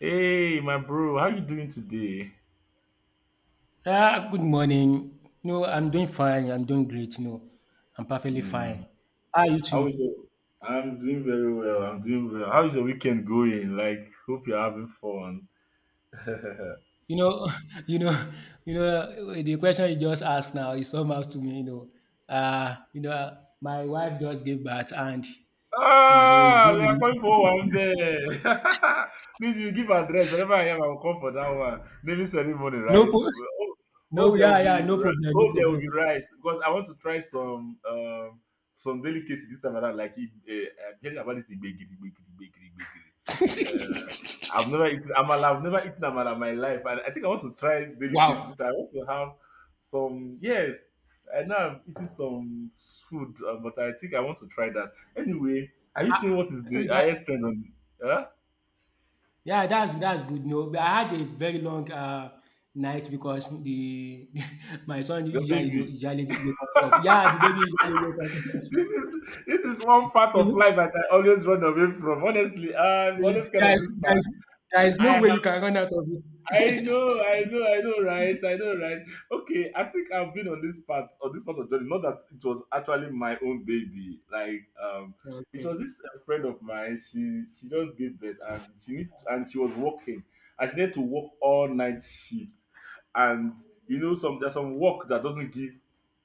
Hey, my bro, how you doing today? Ah, good morning. No, I'm doing fine. I'm doing great. No, I'm perfectly Mm. fine. How are you How is too? your? I'm doing very well. I'm doing well. How is your weekend going? Like, hope you're having fun. You know, you know, The question you just asked now is somehow to me. My wife just gave birth. And it's Ah, we are been going for one day. Please, you give address whenever I am. I will come for that one. Naming ceremony, no, right? pro- Well, Hope, no, hope there yeah, will be yeah, no ri- problem, no hope there will be problem. rice because I want to try some some delicacy this time around. Like, I'm hearing about this gbegiri, gbegiri, gbegiri, gbegiri. I've never eaten amala. I've never eaten amala in my life, and I think I want to try delicacy. Wow, This I want to have some. Yes, I know I'm eating some food, but I think I want to try that. Anyway, are you seeing what is the that, highest trend on? Huh? yeah, that's good. No, but I had a very long night because the my son Your usually you know, baby. usually wake us up. Yeah, the baby usually wake us up. This is this is one part of life that I always run away from. Honestly, I'm always kind there, of is, this there, part. is, there is no I. way you can run out of I it. know, I know, I know, right? I know, right? Okay, I think I've been on this part of journey. Not that it was actually my own baby. Like, it okay, was this friend of mine. She just gave birth and she was working and she needed to work all night shift. And you know, some there's some work that doesn't give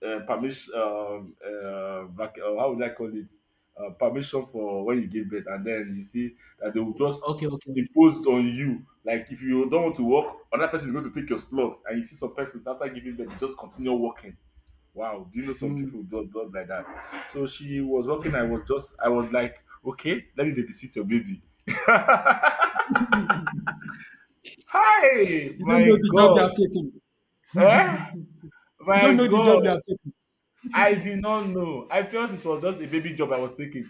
permission. How would I call it? Permission for when you give birth, and then you see that they will just okay, okay. Okay. imposed on you. Like if you don't want to work, another person is going to take your slot. And you see some persons after giving birth, they just continue working. Wow, do you know some Hmm. people don't do not like that? So she was working. I was just, I was like, okay, let me babysit your baby. Hi, You don't my know the job you God, have taken. eh, you my don't know the God, job you have I did taken. not know. I felt it was just a baby job I was taking.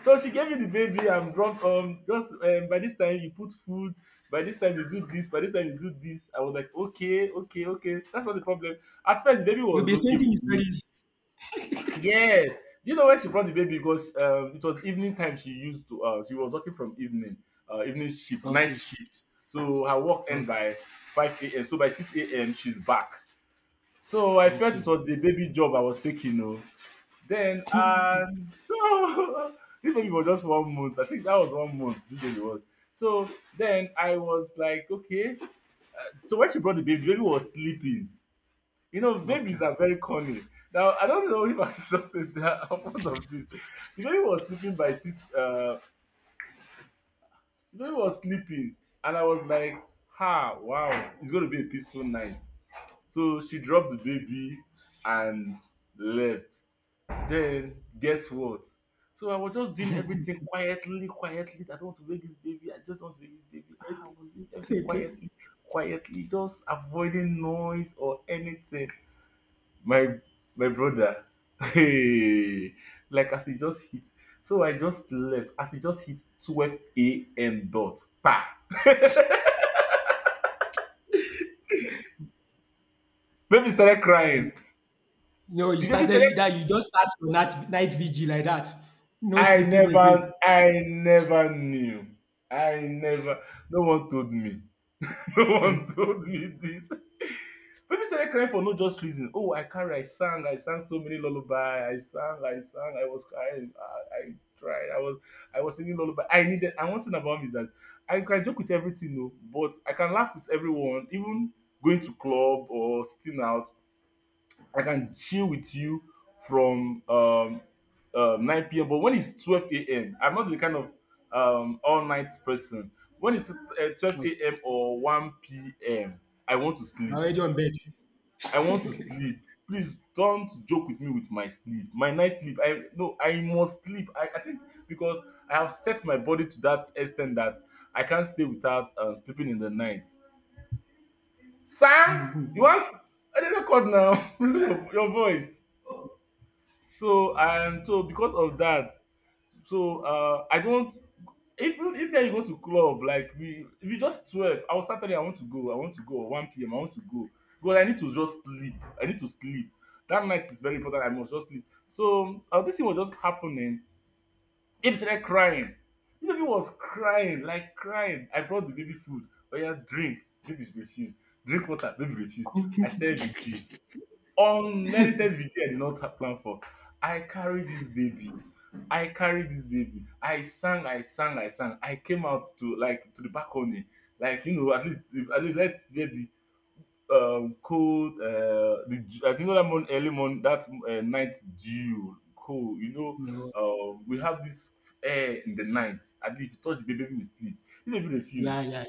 So she gave me the baby. I'm drunk. Just by this time you put food. By this time you do this. By this time you do this. I was like, okay, okay, okay. That's not the problem. At first, the baby You'll was be okay thinking with it's me. very easy. Yes. Do you know where she brought the baby? Because it was evening time. She used to. She was working from evening. Evening shift, night Okay, shift. So her work end okay, by 5 a.m. So by 6 a.m. she's back. So I felt it okay, was the baby job I was taking. Oh. Then and so this baby was just 1 month. I think that was 1 month. This baby was. So then I was like, okay. So when she brought the baby was sleeping. You know, babies okay, are very corny. Now I don't know if I should just say that I'm fond of this. The baby was sleeping by six. The baby was sleeping, and I was like, ha, wow, it's going to be a peaceful night. So she dropped the baby and left. Then guess what? So I was just doing everything quietly, quietly. I don't want to wake this baby. I just don't want to wake this baby. Ah, I was doing everything okay. quietly, quietly, just avoiding noise or anything. My my brother, hey, like as he just hit. So I just left as he just hit 12 a.m. dot. Pa! Baby started Then, crying. no, you The baby started started. that you just start your night vigil like that. No I sleeping never, again. I never knew. I never. No one told me. No one told me this. People started crying for no just reason. Oh, I carry, I sang so many lullaby, I sang, I sang, I was crying, I tried, I was singing lullaby. I needed. And one thing about me is that I can joke with everything, no, but I can laugh with everyone, even going to club or sitting out. I can chill with you from 9 p.m. But when it's 12 a.m., I'm not the kind of all night person. When it's 12 Okay. a.m. or 1 p.m., I want to sleep. You're already on bed. I want to sleep. Please don't joke with me with my sleep. My night sleep. I no. I must sleep. I think because I have set my body to that extent that I can't stay without sleeping in the night. Sam, you want? I didn't record now. your voice. So and so because of that, so I don't. If you if now you go to club like we, if you just 12, I was Saturday. I want to go. I want to go. Or one p.m. I want to go because I need to just sleep. I need to sleep. That night is very important. I must just sleep. So this thing was just happening. He started crying. The baby was crying like crying. I brought the baby food. Oh yeah, drink. Baby refused. Drink water. Baby refused. I started with tea. Unmerited victory I did not plan for. I carried this baby. I carried this baby. I sang, I sang, I sang. I came out to like to the balcony, like you know, at least if, at least let's say the cold, the I think that morning, early morning, that night dew, cold. You know, No. We have this air in the night. And if you touch the baby, baby will sleep. The baby Yeah, refused. yeah,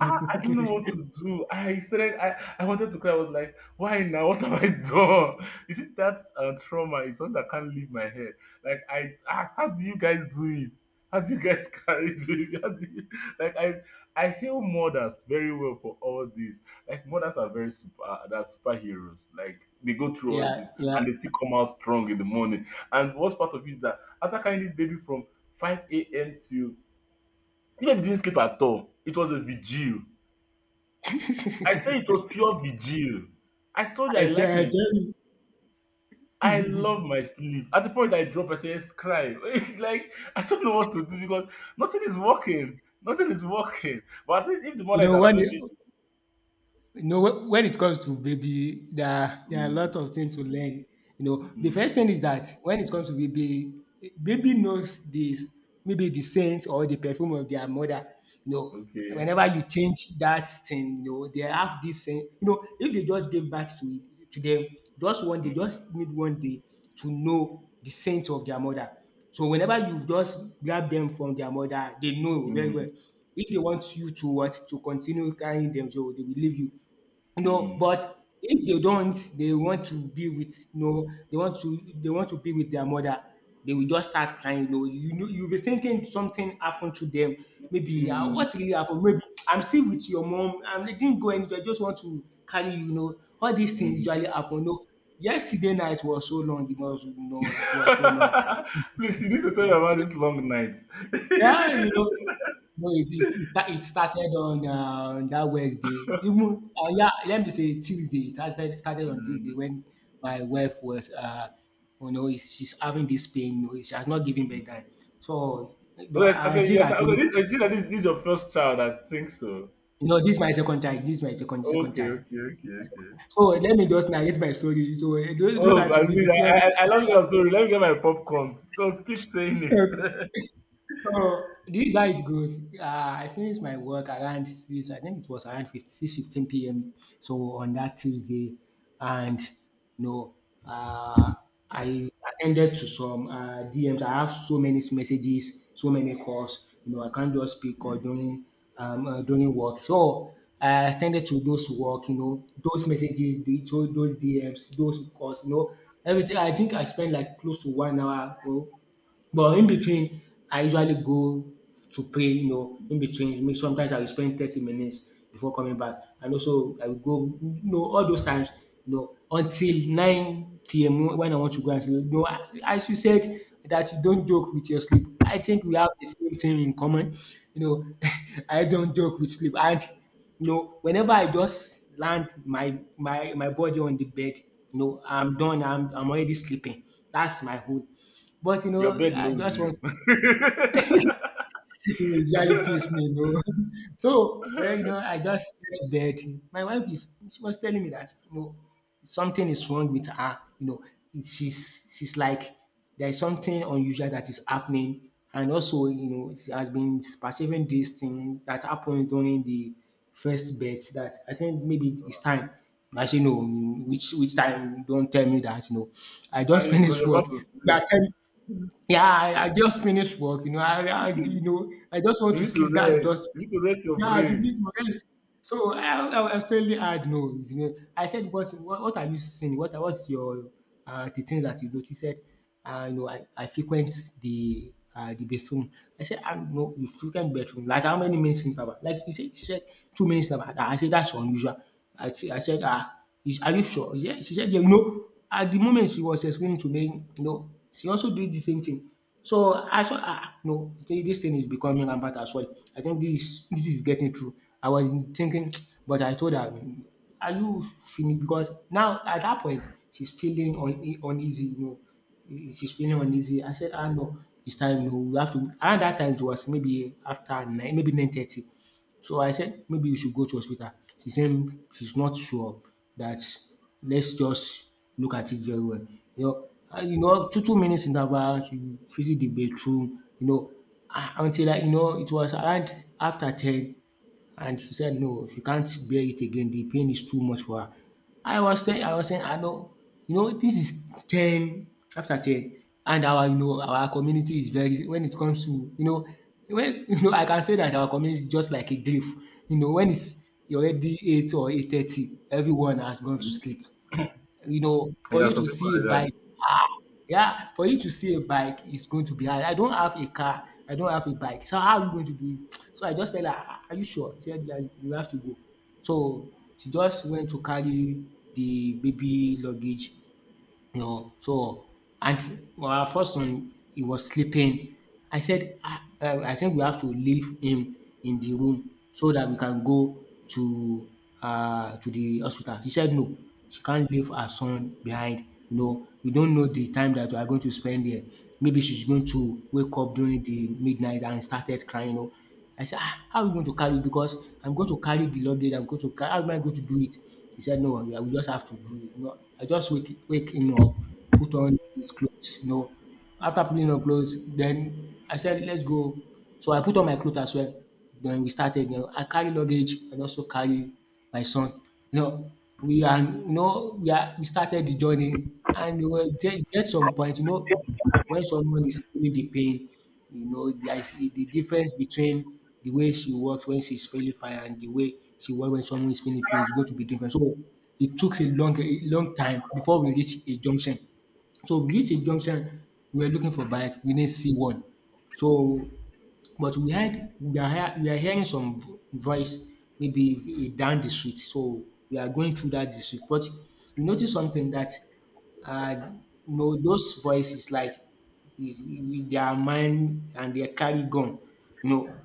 I don't know what to do. I started, I wanted to cry. I was like, why now? What have I done? Is it that trauma is one that can't leave my head? Like, I asked, how do you guys do it? How do you guys carry it, baby? How do you, like, I hail mothers very well for all this. Like, mothers are very super, they're superheroes. Like, they go through all this Yeah, yeah. and they still come out strong in the morning. And what's part of it is that after carrying this baby from 5 a.m. to, the baby didn't sleep at all. It was a vigil, I tell you, I it was pure vigil. I saw that I tell, I like my tell sleep. you, I love my sleep. At the point I drop, I say, yes, cry. It's like I don't know what to do because nothing is working. Nothing is working. But at least if the you mother is know, around, when maybe you she- You know, whe- when it comes to baby, there are a mm, lot of things to learn. The first thing mm, is that when it comes to baby, baby knows this maybe the scent or the perfume of their mother. You know, okay. whenever you change that thing, they have this scent. If they just give birth to it to them, just one, they Mm, just need one day to know the scent of their mother. So whenever you just grab them from their mother, they know very mm, well. If they want you to what to continue carrying them, so they will leave you, mm, but if they don't, they want to be with, they want to be with their mother. They will just start crying. You'll be thinking something happened to them. Maybe mm, what really happened? Maybe I'm still with your mom. I did not go anywhere. I just want to carry you. All these things mm. usually happen. Yesterday night was so long. It was, it was so long. Please, you need to tell me about this long night. Yeah, no, it started on that Wednesday. Even, yeah, let me say Tuesday. It started on Tuesday Mm. when my wife was, she's having this pain. She has not given birth time. So Okay, I okay, think yes, I okay. finished. This, I see that this is your first child. I think so. This is my second child. This is my second Okay, child. okay, okay, okay. So let me just narrate my story. So so Oh, that I will be mean, I, preparing. I, I love your story. Let me get my popcorn. Just keep saying it. So this is how it goes. I finished my work around 6. I think it was around 50, p.m. So on that Tuesday, and you know, uh, I attended to some DMs. I have so many messages, so many calls. I can't just pick call during work. So I attended to those work. Those messages, those DMs, those calls. Everything. I think I spent like close to one hour. But in between, I usually go to pray, in between me sometimes I will spend 30 minutes before coming back, and also I will go, all those times, until 9 p.m. when I want to go and sleep. As you said that you don't joke with your sleep. I think we have the same thing in common. You know I don't joke with sleep. And whenever I just land my body on the bed, I'm done. I'm already sleeping. That's my own. But Your bed I knows just you. want it usually me. So, well, I just get to bed. My wife is she was telling me that something is wrong with her. She's like there is something unusual that is happening, and also she has been perceiving this thing that happened during the first bet that I think maybe it's time. I say no, which time? Don't tell me that. I just And because finished you're about work. to You sleep. are telling, yeah, I just finished work. You know, I you know I just want You to need to sleep. That's rest. just You need to rest your yeah. I did brain. need to rest. So I totally had no. I said, but what are you seeing? What's your the things that you noticed? Said. I frequent the bathroom. I said, I know you frequent bathroom. Like how many minutes interval? Like you said, she said 2 minutes interval. I said that's unusual. I said, ah, are you sure? She said, yeah, no at the moment she was explaining to me, she also did the same thing. So I saw, no, this thing is becoming rampant as well. I think this is getting through. I was thinking, but I told her, "Mm, are you finished?" Because now at that point she's feeling uneasy. She's feeling uneasy. I said, ah no, it's time. No, we have to. Around that time it was maybe after 9, maybe 9:30. So I said maybe you should go to hospital. She said she's not sure that let's just look at it very well. And two minutes interval, she visit the bathroom, ah, until like, it was around after 10, and she said no, she can't bear it again. The pain is too much for her. I was saying, I know, this is 10 after 10, and our you know our community is very when it comes to when I can say that our community is just like a grave. When it's already 8 or 8:30, everyone has gone to Mm. sleep. For Yeah, you some to people see a like that. bike, yeah, for you to see a bike is going to be hard. I don't have a car. I don't have a bike. So how are you going to do it? So I just tell her, "Ah, are you sure?" She said, yeah, you have to go. So she just went to carry the baby luggage. So and well, our first son he was sleeping. I said, ah, I think we have to leave him in the room so that we can go to to the hospital. She said no, she can't leave her son behind. We don't know the time that we are going to spend there. Maybe she's going to wake up during the midnight and started crying. I said, "Ah, how are we going to carry it? Because I'm going to carry the luggage, I'm going to carry how am I going to do it?" He said, "No, we just have to do it." No, I just wake him up, put on his clothes. After putting on clothes, then I said, "Let's go." So I put on my clothes as well. Then we started, I carry luggage and also carry my son. You know, we started the journey and we were there, get some point, when someone is feeling the pain, there is the difference between the way she works when she's feeling fine and the way she works when someone is feeling pain is going to be different. So it took a long time before we reach a junction. So we reach a junction, we were looking for bike, we didn't see one. So but we are hearing some voice, maybe down the street. So we are going through that district. But we notice something that uh those voices like is with their mind and they carry gun. You know,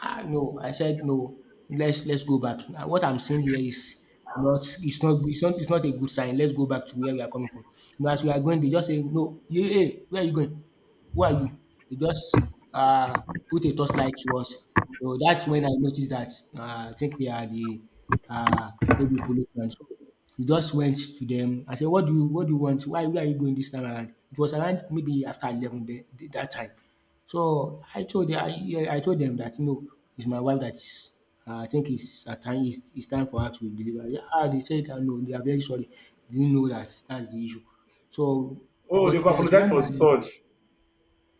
I no, I said no. Let's go back. Now, what I'm seeing here is not it's not it's not it's not a good sign. Let's go back to where we are coming from. As we are going, they just say no. You, hey, where are you going? Who are you? They just put a torchlight to us. So that's when I noticed that I think they are the uh, maybe policemen. So we just went to them. I said, "What do you want? Why where are you going this time around?" It was around maybe after 11 that time. So I told them, I told them that it's my wife that is. I think it's a time. It's time for her to deliver. Yeah, ah, they said that no, they are very sorry. They didn't know that that's the issue. So, Oh, they could but there is apologize one for man. such.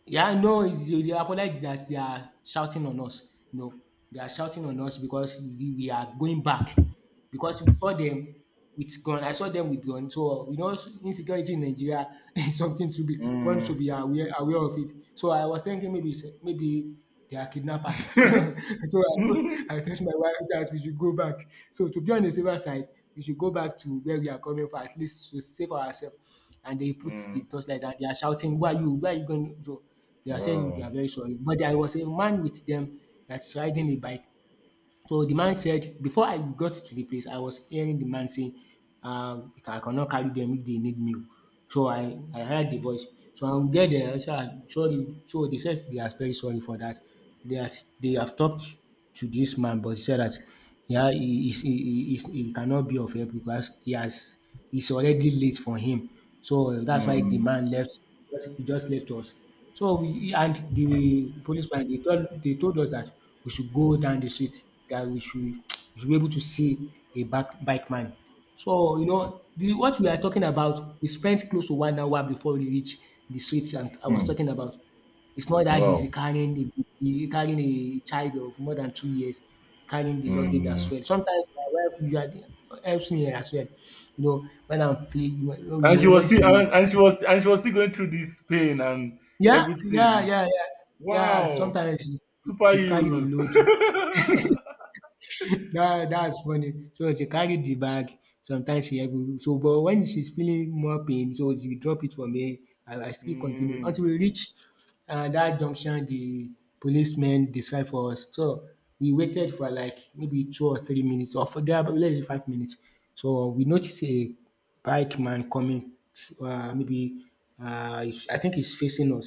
Yeah, no, they apologize that they are shouting on us. You know, they are shouting on us because we are going back. Because we saw them with gun. I saw them with gun. So you know, insecurity in Nigeria is something to be one Mm. should be aware of it. So I was thinking maybe they are kidnappers. So Mm. I told my wife that we should go back. So to be on the safer side, we should go back to where we are coming from, at least to save ourselves, and they put the torchlight and they are shouting, "Where are you? Where are you going?" So they are saying they Wow. are very sorry. But there was a man with them that's riding a bike. So the man said, before I got to the place, I was hearing the man saying, uh, I cannot carry them if they need me. So I heard the voice. So I will get there. So I said, sorry. So they said they are very sorry for that. They are, they have talked to this man, but he said that yeah, he cannot be of help because he has it's already late for him. So that's why the Mm. man left. Just, he just left us. So we and the policeman, they told us that we should go down the street, that we should be able to see a back bike man. So you know the what we are talking about. We spent close to 1 hour before we reach the streets and I was Mm. talking about. It's not that he's Wow. carrying the he carrying a child of more than 2 years, carrying the luggage as Mm. well. Sometimes my wife usually helps me as well. You know, when I'm feeling, you And know, she was when still she, and she was still going through this pain and yeah, yeah, everything. yeah, yeah, yeah. Wow. Sometimes she carry the Superheroes. load. That's funny. So she carried the bag, sometimes she help me. So but when she's feeling more pain, so she drop it for me. I still continue mm, until we reach dat junction the policeman described for us. So we waited for like maybe 2 or 3 minutes or for there about less than 5 minutes. So we noticed a bike man coming, maybe, I think he's facing us,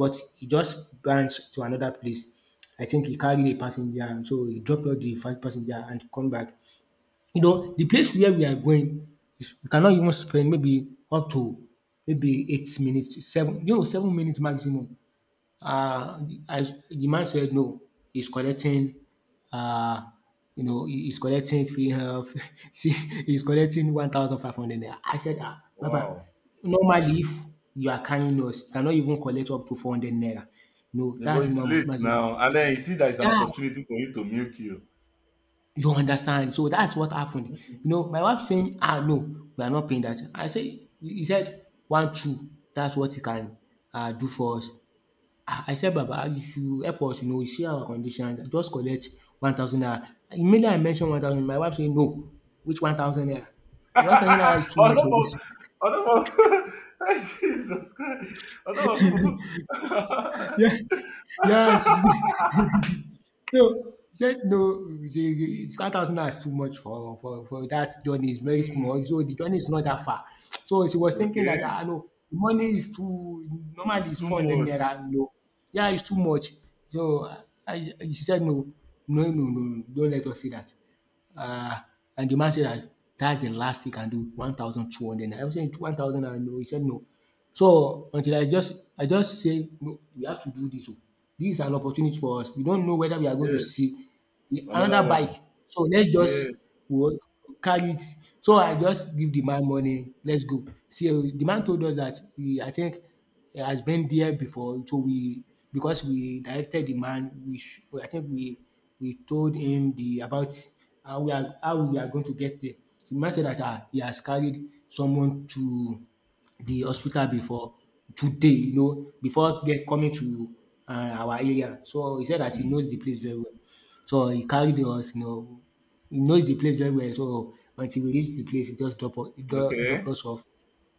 but he just branch to another place. I think he carried a passenger and so he dropped off the first passenger and come back. You know, the place where we are going, we cannot even spend maybe up to maybe 8 minutes, to seven, you know, 7 minutes maximum. Uh, as the man said, no, he's collecting, uh, you know, he's collecting free health. See, he's collecting 1,500 naira. I said, ah, Baba, wow. normally if you are carrying us, you cannot even collect up to 400 naira. No, The boy that's is my late maximum. now. And then you see that it's an Yeah. opportunity for you to milk you. You understand? So that's what happened. You know, my wife saying, "Ah, no, we are not paying that." I say, he said, "One, two, that's what he can, do for us." Ah, I said, "Baba, if you help us, you know, you see our condition, just collect 1,000 naira." Immediately I mentioned 1,000, my wife saying, "No, which 1,000 naira? The 1,000 naira is too on much top for this." of on top of Jesus Christ. On top of Yes. So he said, "No, it's 5,000 naira is too much for for that journey. It's very small. mm, So the journey is not that far." So she was thinking that, okay. "Ah, no, the money is too, normally it's Too 400 naira, much. no. Yeah, it's too much." So I, she said, "No, no, don't let us see that." Uh, and the man said that that's the last he can do, 1,200 naira. I was saying 1,000 naira, no. He said, "No." So, until I just say no, we have to do this. Oh. Dis is an opportunity for us. We don't know whether we are going to Yes. see Another another one. bike. So let's Yeah. just what carry it. So I just give the man money, let's go. So the man told us that he, I think he has been there before. So we, because we directed the man, I think we told him the about how we are, how we are going to get there. So the man said that ah, he has carried someone to the hospital before today, you know, before get coming to our area. So he said that he Mm, knows the place very well. So he carried us, you know, he knows the place very well. So until we reached the place, he just drop okay. us off.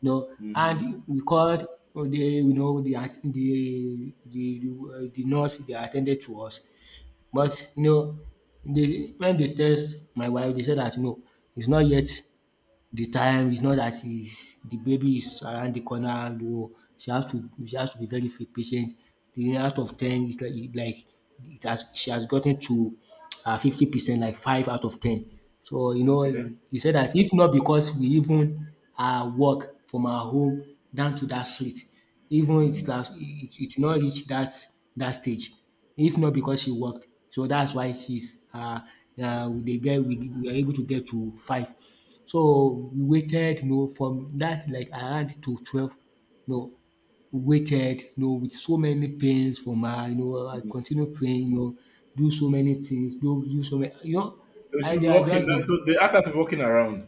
You know, Hmm, okay. and we called the, you know, the at- the nurse they attended to us, but you know, they when they test my wife, they said that no, it's not yet the time. It's not that she's the baby is around the corner, no, she has to be very patient. The out of 10 is like it has, she has gotten to 50%, like five out of 10. So you know, Mm-hmm, okay. he said that if not because we even walk from our home down to that street, even it Hmm, has, it will not reach that, that stage if not because she walked. So that's why she's uh, the girl, we are able to get to five. So, we waited, you know, from that like around to 12, you know, waited, you know, with so many pains from her, you know, I hmm. continue praying, you know, do so many things, do so many, you know, So I she'll be I walking just dey, now. So they ask her to be walking around.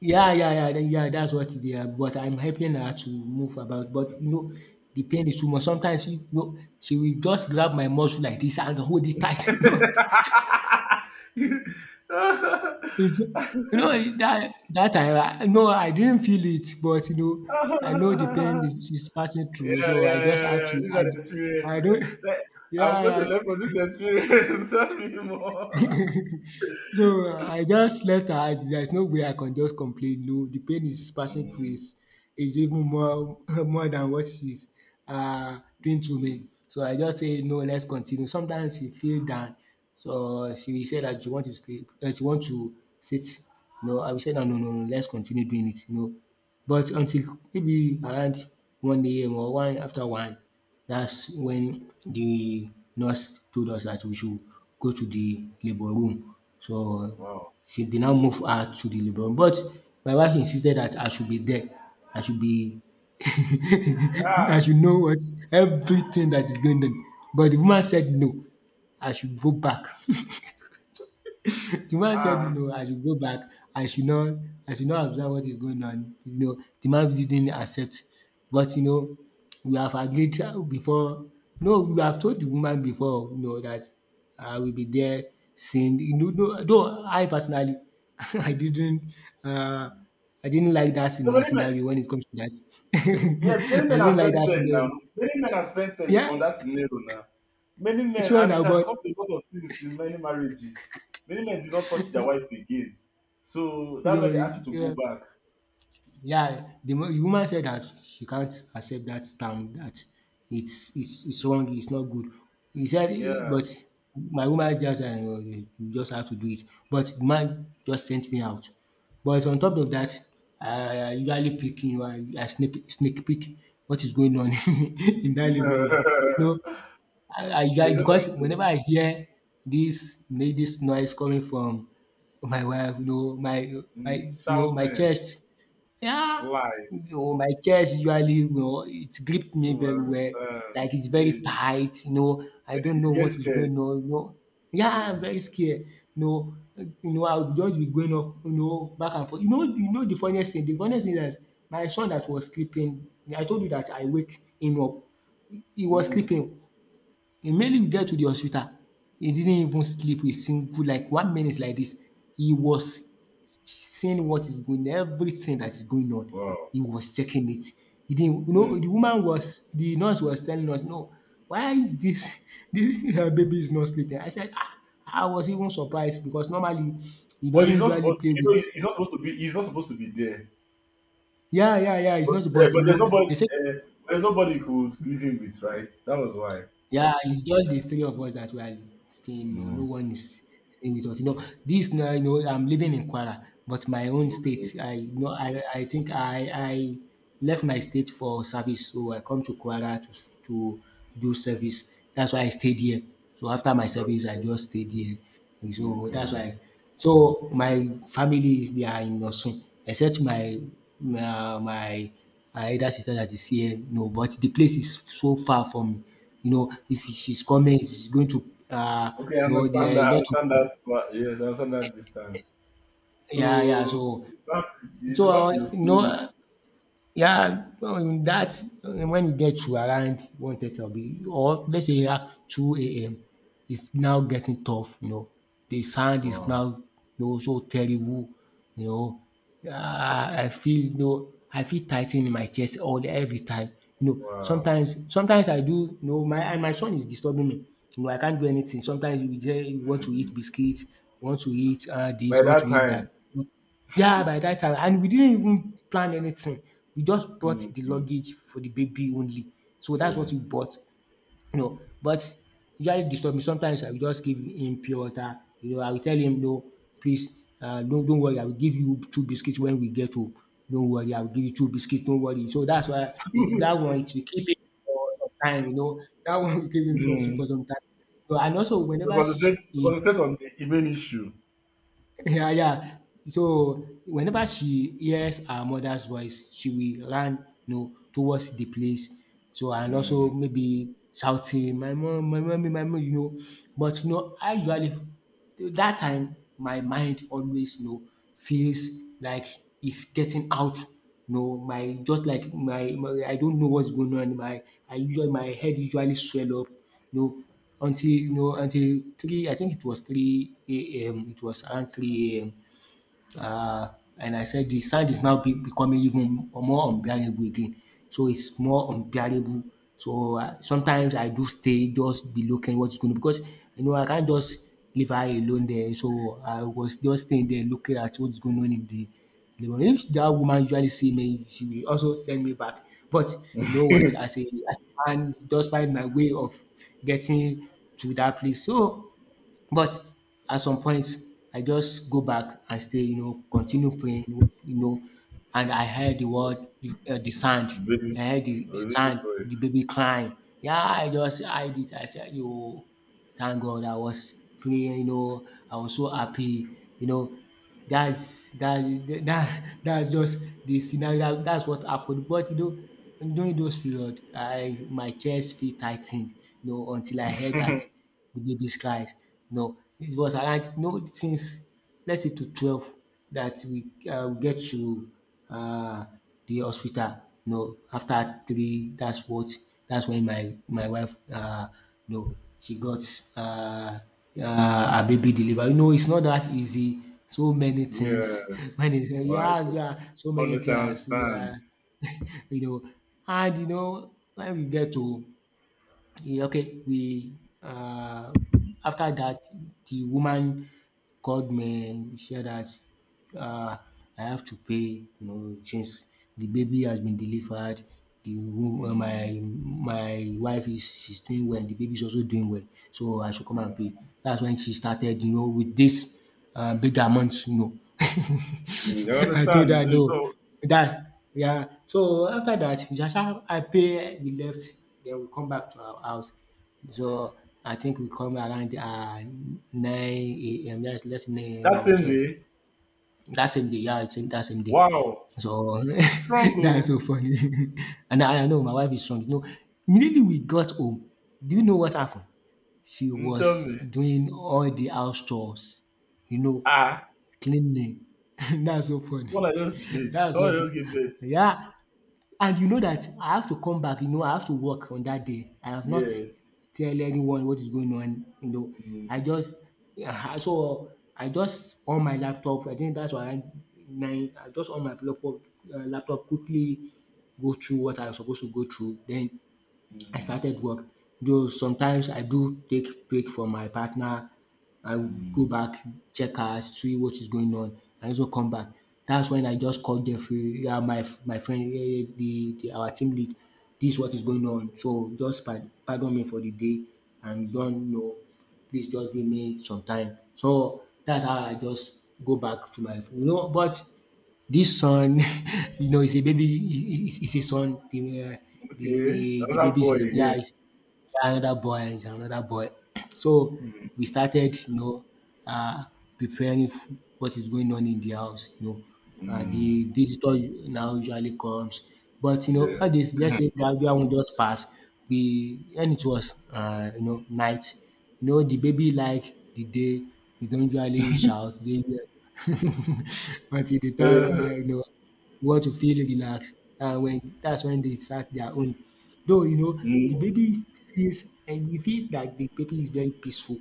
yeah, yeah, yeah, then yeah, that's what it is, yeah, but I'm helping her to move about, but you know, the pain is too much. Sometimes, you know, she will just grab my muscle like this and hold it tight, you know. You- yeah, It's, you know, that that time, I didn't feel it, but you know, I know the pain is she's passing through, yeah, so I just yeah, have yeah. to. These are the I experience. don't. Like, I'm going to Yeah. learn from this experience. Tell me more. So, I just left her and there's no way I can just complain, no, the pain is passing through Mm, is even more more than what she's doing to mm, me. So I just say, "No, let's continue." Sometimes she feel down, so she will say that she want to sleep, she want to sit. No, I will say that, "No, no, no, let's continue doing it." No, but until maybe around 1 AM or one after 1, that's when the nurse told us that we should go to the labour room. So wow. she dey now move her to the labour room, but my wife insisted that I should be there. I should be, I Ah, should know what, everything that is going on. But the woman said no, I should go back. The man said, ah. "No, I should go back. I should not I should not observe what is going on." You know, the man really didn't accept. But, you know, we have agreed before. No, we have told the woman before, you know, that I will be there seeing, you know, no, though I personally I didn't uh I didn't like that So many men, scenario when it comes to that. yeah, many I men have didn't like spent that ten now. scenario. Many men have spent ten Yeah, on that scenario now. Many men, sure and it now, has but caused a lot of things in many marriages. Many men do not touch their wife again, so you that's why they ask know, you to go yeah. back. Yeah, the woman said that she can't accept that term, that it's it's wrong, it's not good. He said, eh, Yeah. but my woman just, you just have to do it. But the man just sent me out. But on top Mm. of that, I usually peek in, I sneak peek what is going on in that neighborhood. It's No, I usually, just because whenever anxious. I hear this noise coming from my wife, you know, my, Mm, you know, my shouting, chest, yeah. flies. No, my chest usually, you know, it gripped me Oh, very I well, understand. like it's very Hey, tight, you know. I don't you know get what is scared. going on, you know. Yeah, I'm Hey. very scared. You know, I'll just be going up, you know, back and forth. You know the funniest thing is my son that was sleeping. I told you that I wake him up. He was Mm. sleeping. Immediately we get to the hospital, he didn't even sleep a single like 1 minute like this. He was seeing what is going, everything that is going on. Wow. He was checking it. He didn't, you know, Mm. the woman was, the nurse was telling us, no, why is this, this her baby is not sleeping? I said, ah, I was even surprised because normally he But doesn't he's not usually supposed. play You with, know, he's not supposed to be. He's not supposed to be there. yeah, yeah, yeah, it's But, not, eh, but but you there's know, nobody. they said. There's nobody he could leave him with, right? That was why. Yeah, it's just the three of us that we are staying. No, no Mm. one is staying with us. You know, this now, you know, I'm living in Kwara, but my own state. Okay, I think I left my state for service, so I come to Kwara to to do service. That's why I stayed here. So after my well, service, I just stayed here. And so okay. that's why. So my family is there in Osun, except my her elder sister that is here, no, but the place is so far from, you know, if she's coming, she's going to, uh, Okay, I you know, there understand are a that. I lot understand of that. But yes, I understand that distance. So yeah, yeah, so back. It's so, back to your you story. know. Yeah, that when you get to around 1:30 or be or let's say 2 AM, it's now getting tough, you know. The sound is Wow. now, you know, so terrible, you know. Ah, I feel, you know, I feel tightening in my chest all the every time. You know, Wow. sometimes I do, you know, my and my son is disturbing me. You know, I can't do anything. Sometimes you want to eat biscuits, you want to eat By you want that to eat time, that. Yeah, by that time, and we didn't even plan anything. We just brought mm, the mm, luggage for the baby only. So that's what we yes. bought, you know. But he usually disturb me. Sometimes I will just give him pure water, you know. I will tell him, no, please, don't worry. I will give you two biscuits when we get home. Don't worry, I will give you two biscuits. Don't worry. So that's why it, that one it will keep it for some time, you know. That one will keep him for, so, for mm, some time. So, and also whenever she, to he concentrate on the main issue. yeah, yeah. So whenever she hears her mother's voice, she will run, you know, towards the place. So and also Mm. maybe shouting, "My mom, my mommy, my mom," you know. But you know, I usually that time my mind always you know feels like it's getting out. You know, my just like my I don't know what's going on. My I usually my head usually swell up. No, until no until three I think it was three AM. It was around three AM uh, and I said the sand is now be becoming even more unbearable again. So it's more unbearable. So sometimes I do stay just be looking what's going on, because you know I can't just leave her alone there. So I was just staying there looking at what's going on in the labour. If that woman usually see me, she will also send me back. But you know what? As a man, just find my way of getting to that place. So but at some point, I just go back and stay, you know, continue praying, you know, and I heard the word, the sound. very I heard the baby sound, voice. the baby crying. Yeah, I just hide it. I said, yo. Thank God I was praying, you know, I was so happy, you know. That's that that that's just the scenario that, that's what happened. But you know, during those period, I my chest feel tightened, you know, until I heard that the baby's cries. You know, it was around you know, since let's say to 12 that we get to um the hospital. No, after three that's what that's when my wife no, she got um a baby delivered. You know it's not that easy. So many things Yes, many things. well, I Yeah, could yeah, so many honestly things as you understand. know. And you know when we get to yeah, okay, we uh, after that the woman called me and said that uh, I have to pay, you know, since the Mm. baby has been delivered, the Mm. My wife is she's doing well, the baby is also doing well, so I should come Yeah. and pay. That's when she started, you know, with this big amount, you know. Mm, I I told understand. her Mm, no. so That yeah. So after that, we just have I pay we left, then we come back to our house. So I think we come around nine AM, yes, let's say nine that or same ten. day, That same day, yeah, it's think that same day. wow, So she's strong. that's Oh, so funny. And I know my wife is strong. You know, immediately we got home, do you know what happened? She mm, tell was me, doing all the house chores, you know, ah, cleanly. That's so funny. someone I just beat, That's someone so I just fu give beat. Yeah, and you know that I have to come back, you know, I have to work on that day. I have not Yes. tell anyone what is going on, you know. Mm. I just so I just on my laptop. I think that's around 9. I just on my laptop laptop quickly go through what I was supposed to go through, then I Mm. started work, though sometimes I do take break from my partner. I will Mm. go back check her, see what is going on and also come back. That's when I just call Jeffrey, yeah, my friend the de our team lead dis what is going on, so just pardon me for the day and don't know, please just give me some time. So that's how I just go back to my you know, but this son, you know, is a baby. Is a son. Uh, the Okay, the the another baby is boy a, yeah. again. Is, yeah, another boy, is another boy. So Mm, we started, you know, uh, preparing what is going on in the house. You know, mm, the visitor now usually comes, but you know, yeah. all this. Let's say that one just pass. We and it was, you know, night. You know, the baby like the day. We don't usually shout. They, but at the time, Uh, you know, you want to feel relaxed. That's when they start their own. Though you know the Mm, baby feels and you feel that the baby is very peaceful.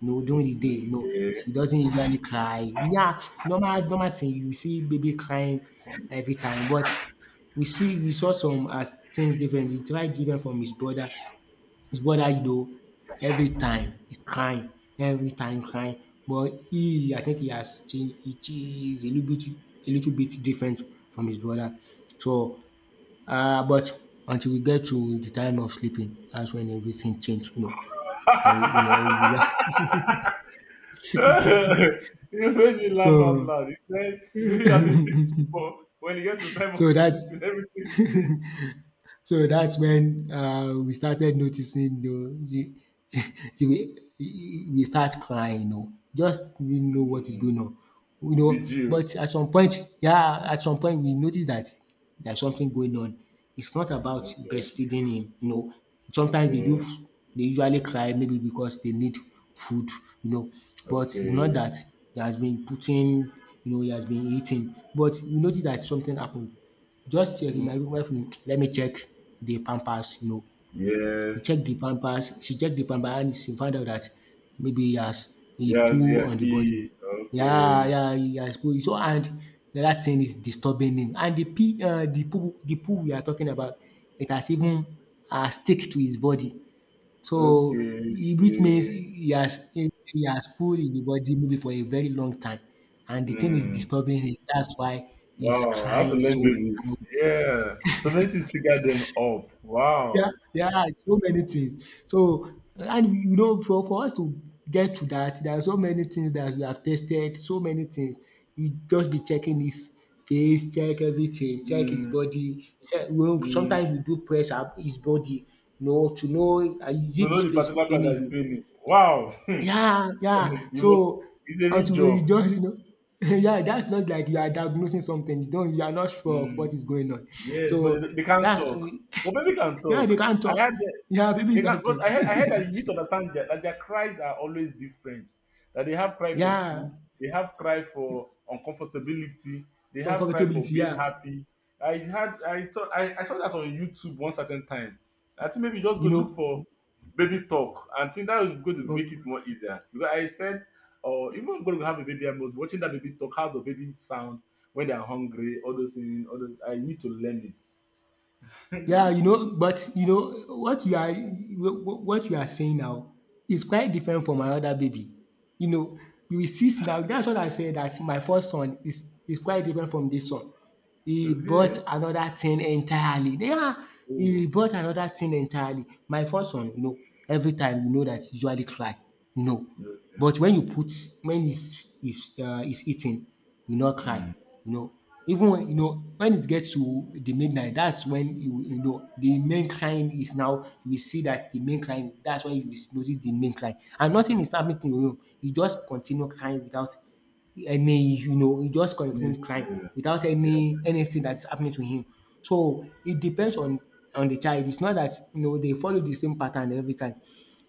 You know during the day, you know okay. she doesn't usually cry. Yeah, normal thing you see baby crying every time, but we saw some as things differently. He tried different from his brother, his brother you know, every time he's crying, every time crying. But he, I think he has changed. He is a little bit different from his brother. So, but until we get to the time of sleeping, that's when everything changed. You know, you know. You made me laugh out so, loud. You said you really have a big support. When you get to time of so that's sleeping, everything will change. so that's when we started noticing you know the the we start crying you know, just didn't know what is Mm, going on, you know, vigil. but at some point, yeah, at some point we notice that there's something going on. It's not about Okay, breastfeeding him, you know, sometimes they do okay, they usually cry maybe because they need food, you know, but it's not okay. that he has been putting, you know, he has been eating, but we notice that something happened. Just check in my room, Mm, wife, mm, let me check the Pampers, you know. He yes. checked the Pampers, she checked the Pampers and she found out that maybe he has he Yes, yeah, poo on the body. P. Yeah, Okay. yeah, he has poo. So and the other thing is disturbing him. And the pee, the poo, the poo we are talking about, it has even stick to his body. So Okay, which means okay. he has he has poo in the body maybe for a very long time. And the thing is Mm. disturbing him. That's why he's Wow, how to crying so learn babies. loud. Yeah. So many things trigger them up. Yeah, Wow. yeah, so many things. So, and you know, for us to get to that, there are so many things that we have tested, so many things. We just be checking his face, check everything, check his Mm, body. Check, well, mm. sometimes we do press up his body, you know, to know is You it know this the place particular plan paining that's you? failing. Wow. Yeah, yeah. you must So It's a real until we job. just you know yeah, that's not like you are diagnosing something. You don't you are not sure of what Mm, is going on. yes, but So they can't that's talk. Well baby can yeah, they talk. can't I talk. had Yeah, baby They can, can't but talk. I heard that you need to understand that their cries are always different. That they have cry for yeah, food, they have cry for uncomfortability, they have cry for uncomfortability. being Yeah, happy. I had, I thought, I saw that on YouTube one certain time. I think maybe just go you look for know. baby talk. And think that was going to make it No- more easier. Because I said, or even when going to have a baby, I was watching that baby talk, how the baby sound when they are hungry, all those things, all those. I need to learn Yeah, you know. But you know what you are saying now is quite different it. from my other baby. You know, you will see now. That's what I said. That my first son is quite different from this son. He bought Okay. another thing entirely. Yeah, he Oh. bought another thing entirely. My first one, you know, every time you know that he usually cry, you know. Okay. But when you put when he's eating, you not cry, you know. Even when you know when it gets to the midnight, that's when you know the main crying is now we see that the main crying, that's when you notice the main crying and nothing is happening to him. He just continue crying without he just Me continue crying see. without Yeah. Anything that's happening to him. So it depends on the child. It's not that you know they follow the same pattern every time.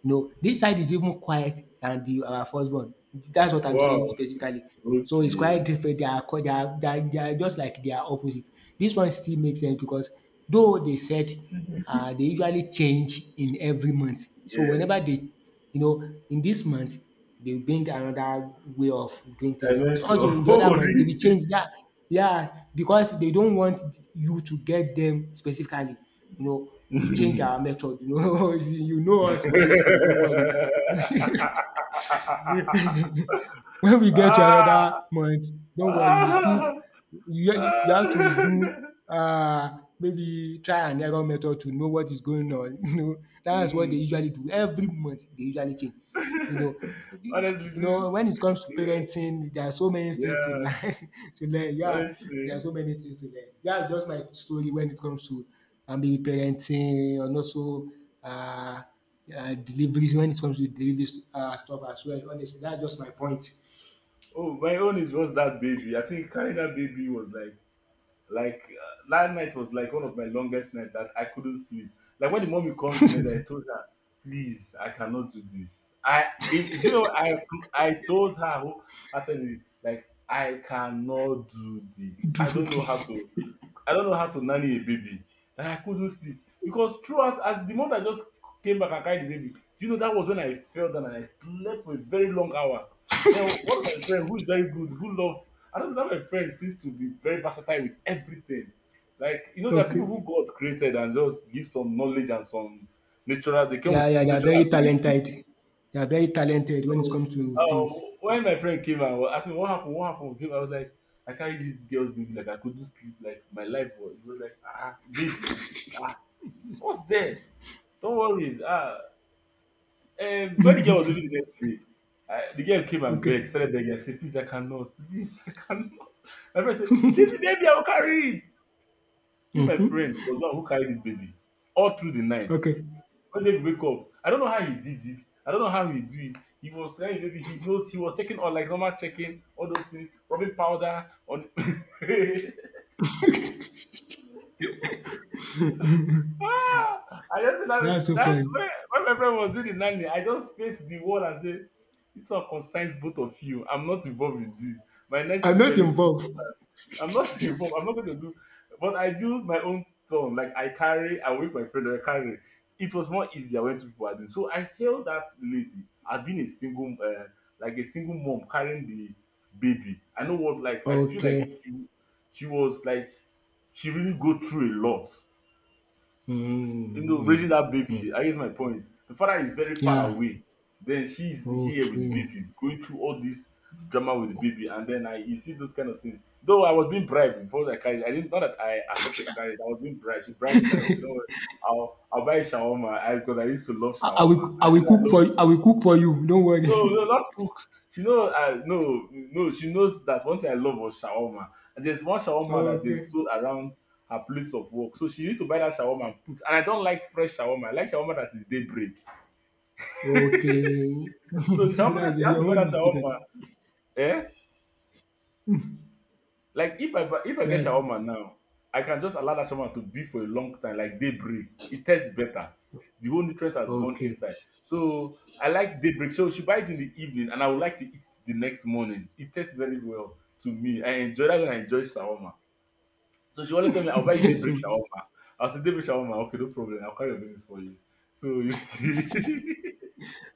You know, this child is even quiet than the our first born. That's what I'm saying Wow. specifically. So it's quite Okay. different. They are just like they are opposite. This one still makes sense because though they said they usually change in every month. So Yes. whenever they, you know, in this month, they bring another way of doing I things. mean, So so. also in the other month, they will Holy. change. Yeah, yeah, because they don't want you to get them specifically, you know, we change our method. You know, you know us for this month. Don't worry. When we get to Ah, another month, don't worry, you still ah, you you have to do ah. Maybe try and error method to know what is going on. You know, that's what they Mm. usually do. Every month they usually change. You know, you Honestly, this. know, when it comes to Yeah. parenting, there are so many things to Yeah. learn to learn. Yeah, there are Honestly. so many things to learn. That's just my story when it comes to maybe parenting and also uh, deliveries when it comes to delivery stuff as well. Honestly, that's just my point. Oh, my own is just that baby. I think carrying that baby was like that night was like one of my longest nights that I couldn't sleep. Like when the mommy comes the next day, I told her, please, I cannot do this. I, if, Do you know, I told her wholeheartedly, like I cannot do this. Do I don't know how this. to. I don't know how to nanny a baby, that I couldn't sleep because throughout as the moment I just came back and carried the baby, do you know that was when I fell down and I slept for a very long hour. Then one of my friends, who is very good, I don't know, that my friend seems to be very versatile with everything. Like you know, there are people who Okay. God created and just give some knowledge and some natural. They came Yeah, with yeah, they are natural very ability. talented. They are very talented when it So, comes to things. when my friend came and was asking what happened, I was like, I carried this girl's baby, like I couldn't sleep, like my life was. He was like, ah, baby, ah, what's there? Don't worry. Ah, and when the girl was leaving the next day, the girl came and begged, Okay. started begging. I said, please, I cannot, please, I cannot. My friend said, leave the baby, I will carry it. This my friend was the one who carried this baby all through the night Okay. when they wake up. I don't know how he did it. I don't know how he did it. He was saying maybe he knows he was checking on like normal checking, all those things, rubbing powder on. ah, I just That's that, so that when, funny. when my friend was doing the nanny, I just faced the wall and said, "This one concerns both of you. I'm not involved with this. My next I'm is not very." involved. I'm not involved. I'm not going to do, but I do my own turn. Like I carry, I wake my friend, I carry. It was more easier when two people are doing. So I hail that lady as being a single, like a single mom carrying the baby. I know what, like I feel like Okay. she was like, she really go through a lot, raising that Mm-hmm. baby. I guess my point. The father is very far Yeah. away. Then she's here with the Okay. baby, going through all this drama with the baby, and then I you see those kind of things. Though I was being bribed before I carried, I didn't, not that I accepted to carry it, I was being bribed. She bribed me like, okay, don't worry, I'll buy shawarma, because I used to love I, I shawarma. will I I said will I cook love, for you. I will cook for you. Don't worry. no, no, not cook. She know I, no, no. She knows that one thing I love was shawarma. And there's one shawarma that they Okay. sold around her place of work. So she need to buy that shawarma and put. And I don't like fresh shawarma. I like shawarma that is daybreak. Okay. So the shawarma that That's she has to your buy own that is shawarma, different. eh? If I get That's shawarma now, I can just allow that shawarma to be for a long time, like daybreak. It tastes better. The whole nutrient has gone okay. inside. So I like daybreak. So she buys in the evening, and I would like to eat it the next morning. It tastes very well to me. I enjoy that when I enjoy shawarma. So she always tell me, "I'll buy you daybreak So shawarma." I'll say, "Daybreak shawarma, okay, no problem. I'll call your baby for you." So you see,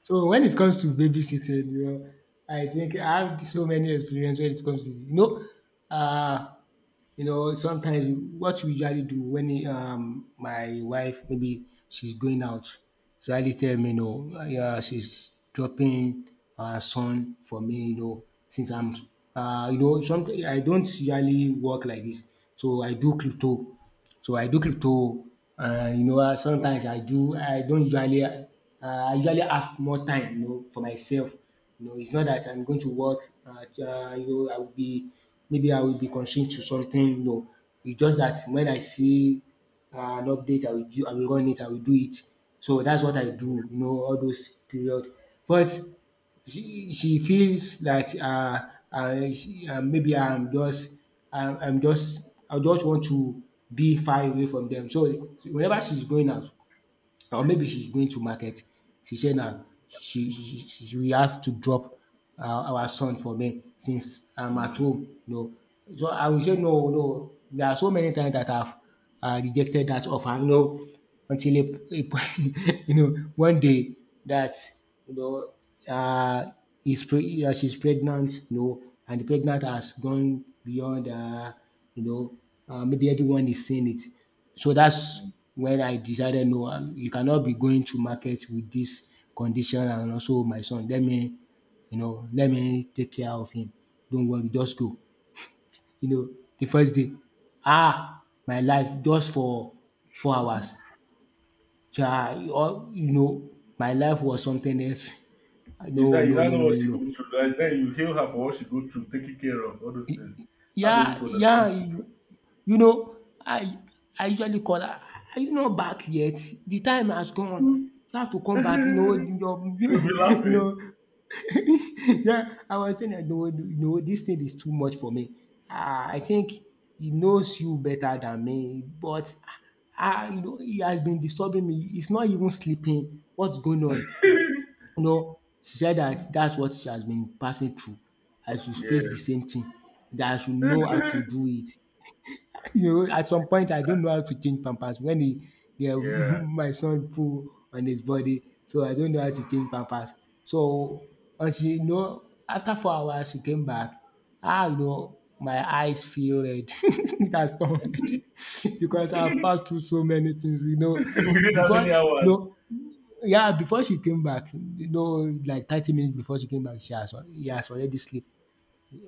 so when it comes to babysitting, you know, I think I have so many experience when it comes to uh, you know, sometimes what we usually do when my wife maybe she's going out, she usually tell me, you know, yeah, she's dropping her son for me, you know, since I'm you know, something I don't usually work like this. So I do crypto. So I do crypto, you know, ah, okay. sometimes I don't usually I usually have more time you know for myself. You know, it's not that I'm going to work at you know I will be constrained to something no. It's just that when I see an update I will run it, I will do it. So that's what I do you know all those period. But she feels that maybe I'm just I just want to be far away from them. So whenever she's going out, or maybe she's going to market. She said now she will have to drop uh, our son for me since I'm at Mm, home. No. So I will say no, no. There are so many times that I've rejected that offer, you know, until a point, you know, one day that, you know, uh, she's pregnant, you know, and the pregnant has gone beyond, you know, maybe everyone is seeing it. So that's mm. when I decided no, you cannot be going to market with this condition and also my son. Let me, you know, let me take care of him. Don't worry, just go. You know, the first day, ah, my life just for 4 hours. Chai, all you know, my life was something else. You know, No, you no, now no, know no, what she no, go no. through. Like, then you heal her for what she go through, taking care of all those things. How do you Yeah, to yeah, understand you know, I I usually call her, "Are you not back yet? The time has gone. You have to come back, you know, children? your" She'll be you laughing. know. Yeah, I was saying that. "No, no, this thing is too much for me. Ah, I think he knows you better than me, but ah, ah, you know, he has been disturbing me. He's not even sleeping. What's going on?" You know, she said that that's what she has been passing through. I should Yeah. face the same thing, that I should know how to do it. You know, at some point, I don't know how to change pampers when yeah. my son pull on his body, so I don't know how to change pampers. So, until you know, after 4 hours, she came back. Ah, you know, my eyes feel red. It has turned red because I've passed through so many things. You know, We did how before many you hours? know, yeah, before she came back, you know, like 30 minutes before she came back, he has already slept.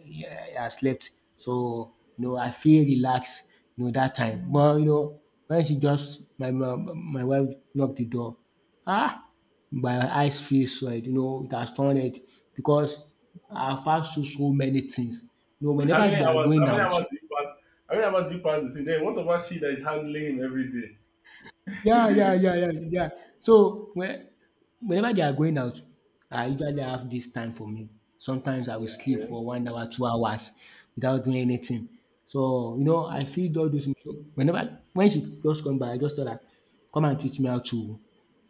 Yeah, yeah, I slept. So you know, I feel relaxed. You know that time, but you know when she just my my, my wife knocked the door, ah, my eyes feel swelled. You know it has turned red because I've passed through so many things. You know With how whenever many they are hours? going How many out, hours do you pass? How many hours do you pass the scene? Then what about she that is handling him every day? yeah, yeah, yeah, yeah, yeah. So when, whenever they are going out, I usually have this time for me. Sometimes I will sleep Okay. for 1 hour, 2 hours without doing anything. So you know, I feel all those things. So whenever when she just come by, I just tell her, "Come and teach me how to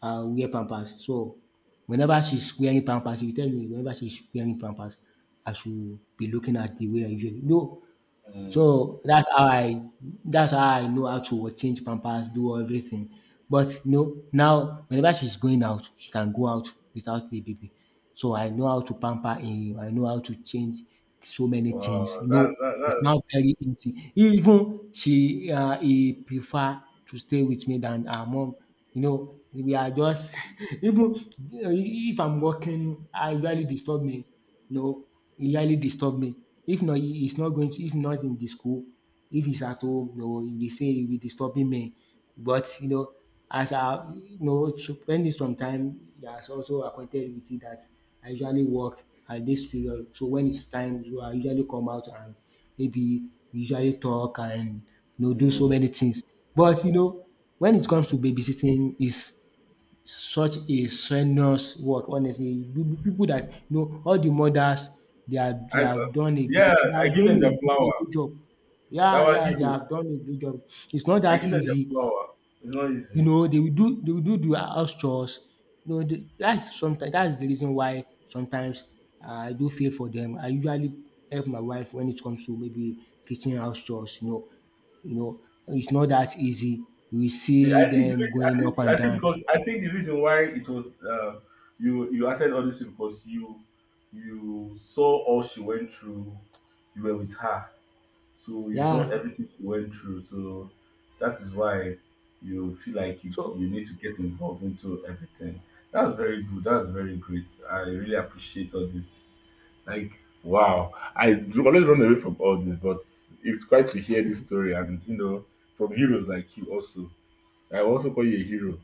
wear pampers." So whenever she's wearing pampers, she will tell me, whenever she's wearing pampers, I should be looking at the way I usually. No, Mm. so that's how I know how to change pampers, do everything. But you know, now whenever she's going out, she can go out without the baby. So I know how to pamper him. I know how to change so many Wow. things. You That know, it's that now very easy. Even she he prefer to stay with me than her mom. You know, we are just even if I'm working, I usually disturb me, you know, he highly disturb me. If not, he's not going to, if not in the school, if he's at home, you know, he will disturbing me. But, you know, as I, you know, spending some time, he has also acquainted with it that I usually work at this period. So when it's time, so I usually come out and maybe we usually talk and, you know, that. do so Mm. many things. But, you know, when it comes to babysitting, is such a strenuous work honestly. People that you know all the mothers they I, have done a yeah. great they I are give them their doing a great flower. great job. That Yeah, was yeah, they hero. have done a great job. It's not I that give them their easy. flower. It's not You easy. know, they will do the house chores. You know, that's sometimes that's the reason why sometimes I do feel for them. I usually help my wife when it comes to maybe kitchen house chores, you know. You know, it's not that easy. You will see I think the them reason, going up I and think down. because I think the reason why it was, uh, you acted all this way because you saw all she went through. You were with her, so you saw Yeah. everything she went through. So that is why you feel like you So you need to get involved into everything. That's very good. That's very great. I really appreciate all this. Like wow, I do always run away from all this, but it's quite to hear this story and, from heroes like you also. I also call you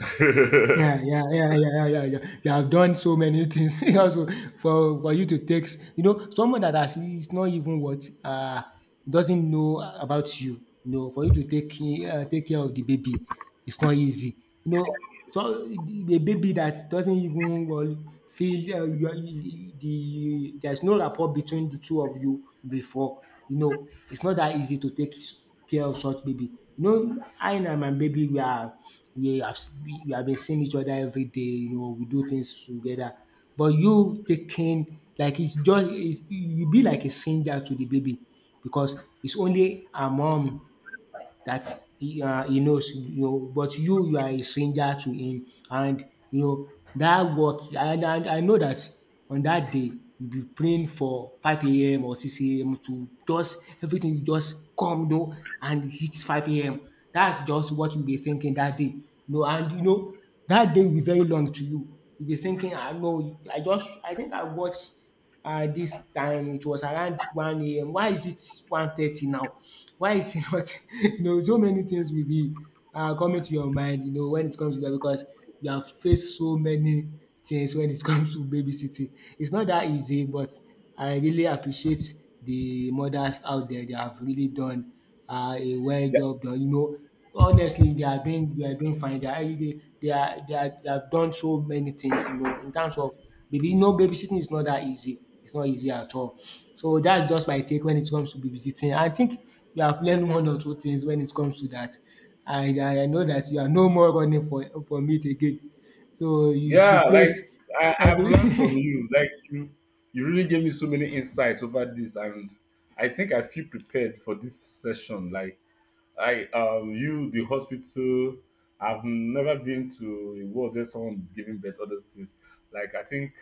a hero. yeah, yeah, yeah, yeah, yeah, yeah, yeah. You have done so many things also for you to take. You know, someone that has, is not even what doesn't know about you. You know, for you to take care of the baby, it's not easy. You know, so the baby that doesn't even well, feel you, there's no rapport between the two of you before. You know, it's not that easy to take care of such baby. You know, I and my baby we are we have been seeing each other every day. You know, we do things together. But you taking like you be like a stranger to the baby because it's only her mom that he knows, you know, but you are a stranger to him and you know that work and I know that on that day you be praying for 5 a.m. or 6 a.m. to just everything you just come you know and it's five AM. That's just what you be thinking that day. You know and you know that day will be very long to you. You be thinking, I know, I just, I think, I watch this time it was around 1 a.m. Why is it 1:30 now? Why is it not? So many things will be coming to your mind, when it comes to that because you have faced so many things when it comes to babysitting. It's not that easy, but I really appreciate the mothers out there. They have really done a well Yeah, job done. You know, honestly, they are doing fine. They are they are they have done so many things, you know, in terms of baby. Babysitting is not that easy. It's not easy at all. So that's just my take when it comes to babysitting. I think you have learned one or two things when it comes to that. And I know that you are no more running for from it again. So you yeah, should like face I've every. learned from you. Like you really gave me so many insights over this, and I think I feel prepared for this session. Like the hospital. I've never been to a world where someone is giving birth. Other things. Like I think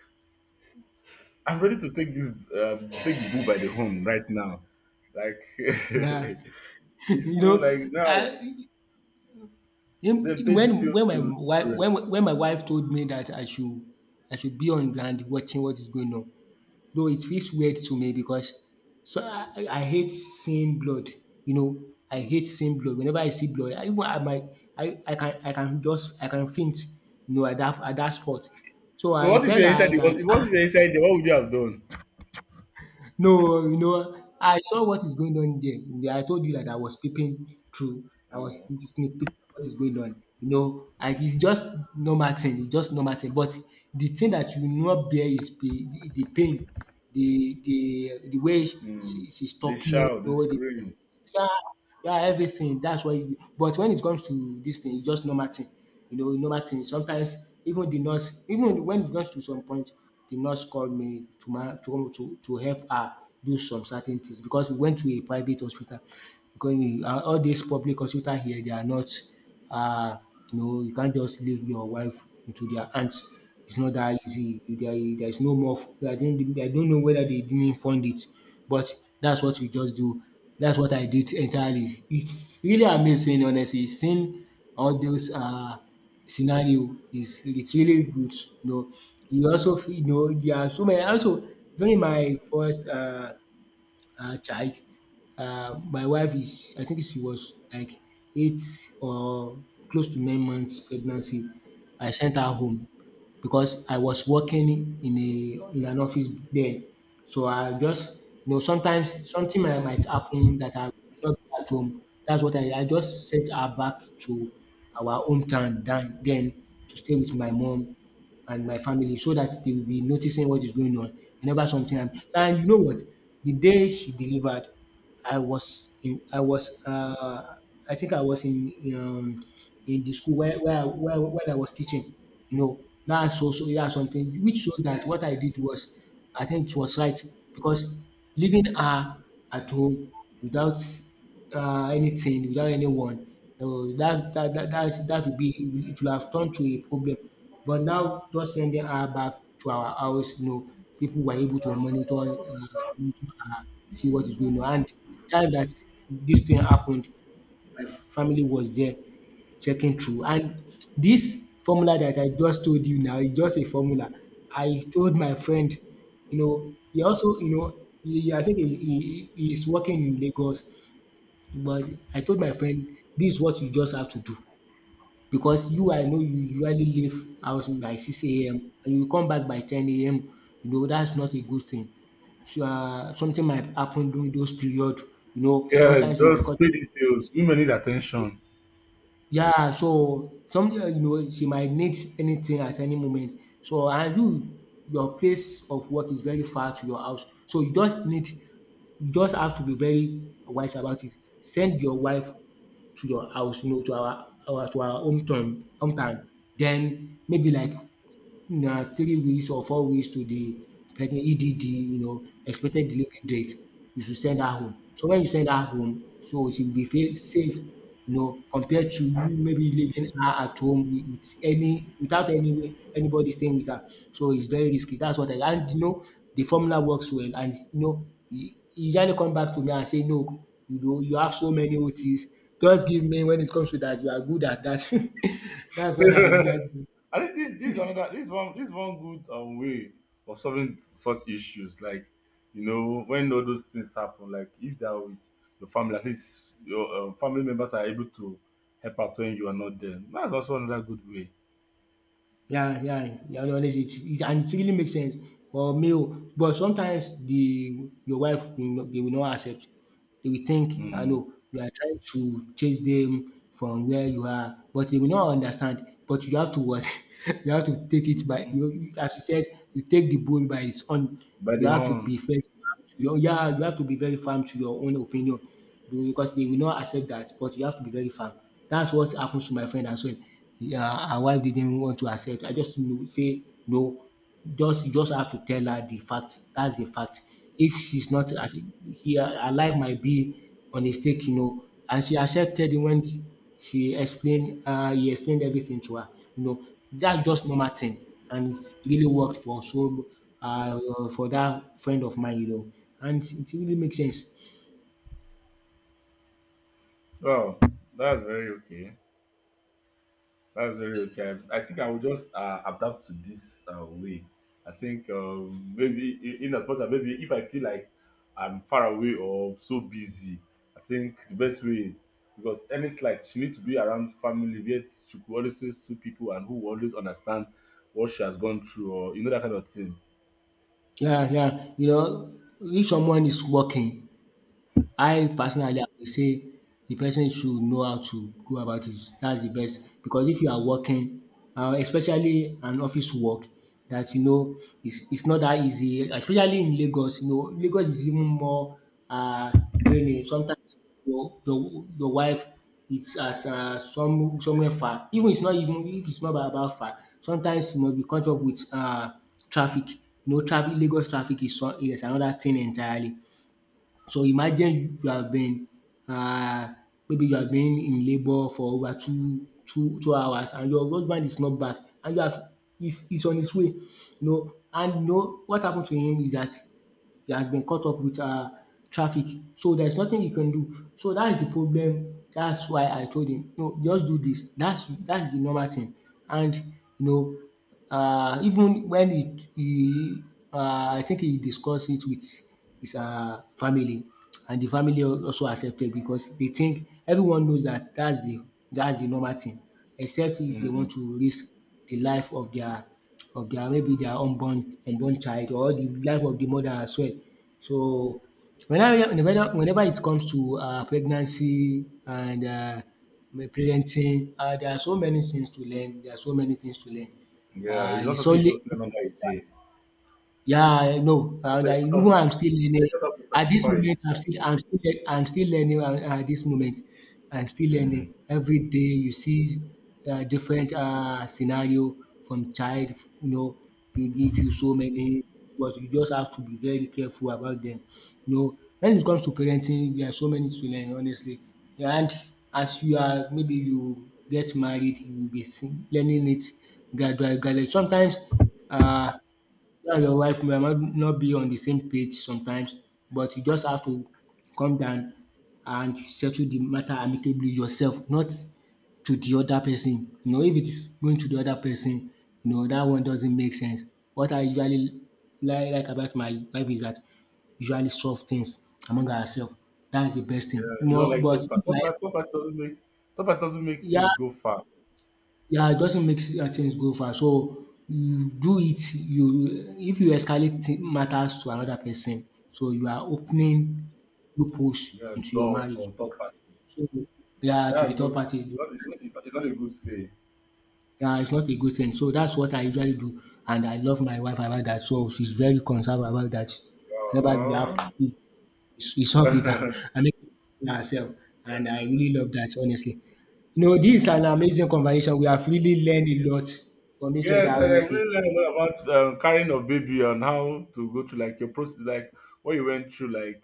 I'm ready to take this, take the bull by the horn right now. Like Yeah, it's you so, know, like now, I they Im pay details to. When my wife told me that I should be on ground watching what is going on, though it feels weird to me because so I hate seeing blood, you know. I hate seeing blood. Whenever I see blood, I even I might I can, I can just I can faint, you know, at that spot. So So I tell her that what ah if you're inside there? What would you have done? no, you know, I saw what is going on there. Yeah, I told you that I was peeping through. I was Mm. sneak peeking what is going on. You know, I, it's just normal thing. It's just normal thing. But the thing that you will not bear is the pain, the way Mm. she's They talking. You shout, they know, the scream. yeah, yeah, everything. That's why. But when it comes to this thing, it's just normal thing. You know, normal thing. Sometimes even the nurse, even when it comes to some point, the nurse called me to come to help her do some certain things because we went to a private hospital. Because all these public hospital here, they are not. Uh, you know, you can't just leave your wife into their hands. It's not that easy. There's no more. I don't know whether they didn't fund it, but that's what we just do. That's what I did entirely. It's really amazing, honestly. Seeing all those scenario, is it's really good. You know, you also you know there are so many. Also during my first child. My wife is, I think she was like eight or close to 9 months pregnancy. I sent her home because I was working in a in an office there. So I just, you know, sometimes something might happen that I will not be at home. That's what I just sent her back to our hometown, then to stay with my mom and my family so that they will be noticing what is going on whenever something happen. And you know what? The day she delivered, I was I think I was in the school where I was teaching. You know, that's also that's something which shows that what I did was, I think, it was right because leaving her at home without anything, without anyone. So that would be, it will have turned to a problem. But now just sending her back to our house, you know, people were able to monitor, monitor her, see what is going on. And the time that this thing happened, my family was there checking through. And this formula that I just told you now is just a formula. I told my friend, you know, he also, you know, he, I think he, he's working in Lagos. But I told my friend this is what you just have to do because you, I know you usually leave house by six a.m. and you come back by ten AM. You know that's not a good thing. So something might happen during those period. You know Yeah, sometimes it might just cause. pay details. Women need attention. Yeah, so some, you know, she might need anything at any moment. So and you, your place of work is very far to your house. So you just need, you just have to be very wise about it. Send your wife to your house, you know, to our to our hometown hometown. Then maybe like na 3 weeks or 4 weeks to the like EDD, you know, expected delivery date. You should send her home. So when you send her home, so she will be feel safe, you know, compared to you maybe leaving her at home with, any, without anybody staying with her. So it's very risky. That's what I, and you know the formula works well, and you know he usually come back to me and say no, you know you have so many OTs. Just give me when it comes to that you are good at that. That's what I usually do. I think this is another, this one good, way of solving such issues. Like you know when all those things happen, like if they are with your family, at least your, family members are able to help out when you are not there. That's also another good way. Yeah, yeah, yeah, yeah, honestly, it's and it really makes sense for male, but sometimes the your wife will not, they will not accept. They will think I Mm. know you are trying to chase them from where you are, but they will not understand. But you have to what? You have to take it by Mm. As you said, you take the bull by its own. By the You have to be horn. very firm to your, yeah, you have to be very firm to your own opinion because they will not accept that, but you have to be very firm. That's what happens to my friend as well. Yeah, her wife didn't want to accept. I just know say no. Just you just have to tell her the fact. That's the fact. If she's not, as in she, her life might be on a stake, you know, and she accepted it when she explained he explained everything to her. You know, that's just normal thing and it's really worked for so uh for that friend of mine, you know. And it really makes sense. Wow, that's very okay. That's very okay. I think I will just, adapt to this, way. I think, maybe in as much as maybe if I feel like I'm far away or so busy, I think the best way, because any slight she needs to be around family, yet she could always see people and who will always understand what she has gone through, or you know that kind of thing. Yeah, yeah. You know, if someone is working, I personally I would say the person should know how to go about it. That's the best because if you are working, especially an office work that you know it's not that easy, especially in Lagos. You know Lagos is even more uh draining. Sometimes your wife is at somewhere far, even it's not, even if it's not about far, sometimes you must be caught up with traffic. You know traffic, Lagos traffic is some, is another thing entirely. So imagine you have been uh, maybe you have been in labour for over two two two hours and your husband is not back, and you have, is on his way, you know, and you know what happen to him is that he has been caught up with traffic, so there's nothing you can do. So that is the problem. That's why I told him no, just do this. That's the normal thing, and you know even when he I think he discussed it with his family, and the family also accepted because they think everyone knows that that's the normal thing, except if they Mm. want to risk the life of their, maybe their, unborn child, or the life of the mother as well. So whenever it comes to pregnancy and parenting, there are so many things to learn, there are so many things to learn. Yeah, it's not It's something you only, just learn under a day. yeah, I know. Sometimes And you I, just have even to, I'm still sometimes you learning. just have to At this moment, sacrifice. I'm still, I'm still learning at, this moment. I'm still Mm. learning. Every day you see different scenario from child, you know, they give you so many, but you just have to be very careful about them. You know, when it comes to parenting, there are so many to learn, honestly. And as you are, maybe you get married, you will be learning it gradually, gradually. Sometimes uh, you and your wife might not be on the same page sometimes, but you just have to come down and settle the matter amicably yourself, not to the other person. You know, if it is going to the other person, you know, that one doesn't make sense. What I usually like about my wife is that usually solve things among ourselves. That's the best thing. You don't More, like but thought if part. Thought like, part, thought part doesn't make thought part doesn't make yeah, things go far. yeah, it doesn't make things go far. So you do it, you, if you escalate matters to another person, so you are opening loopholes You're a into your dog marriage. for third party. So yeah, to the That's third not, party, not, it's not a good say. yeah, it's not a good thing. So that's what I usually do, and I love my wife about that. So she's very concerned about that. Whenever we have, Uh-huh. We solve it. I make it by herself, and I really love that, honestly. You know, this is an amazing conversation. We have really learned a lot from each other, Yes, I honestly. really learned a lot about, carrying of baby and how to go through like your process, like what you went through. Like,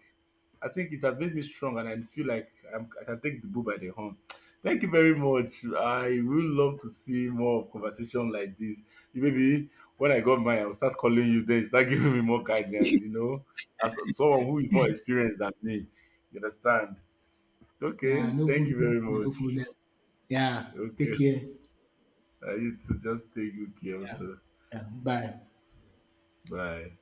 I think it has made me strong, and I feel like I can take the bull by the horn. Thank you very much. I would love to see more of conversation like this. You Maybe when I got mine, I'll start calling you. Then you start giving me more guidance. You know, as someone who is more experienced than me, you understand. Yeah, Okay, no thank food. you very No much. problem. Yeah, Okay, take care. I need to just take you care Yeah, also. yeah. Bye. Bye.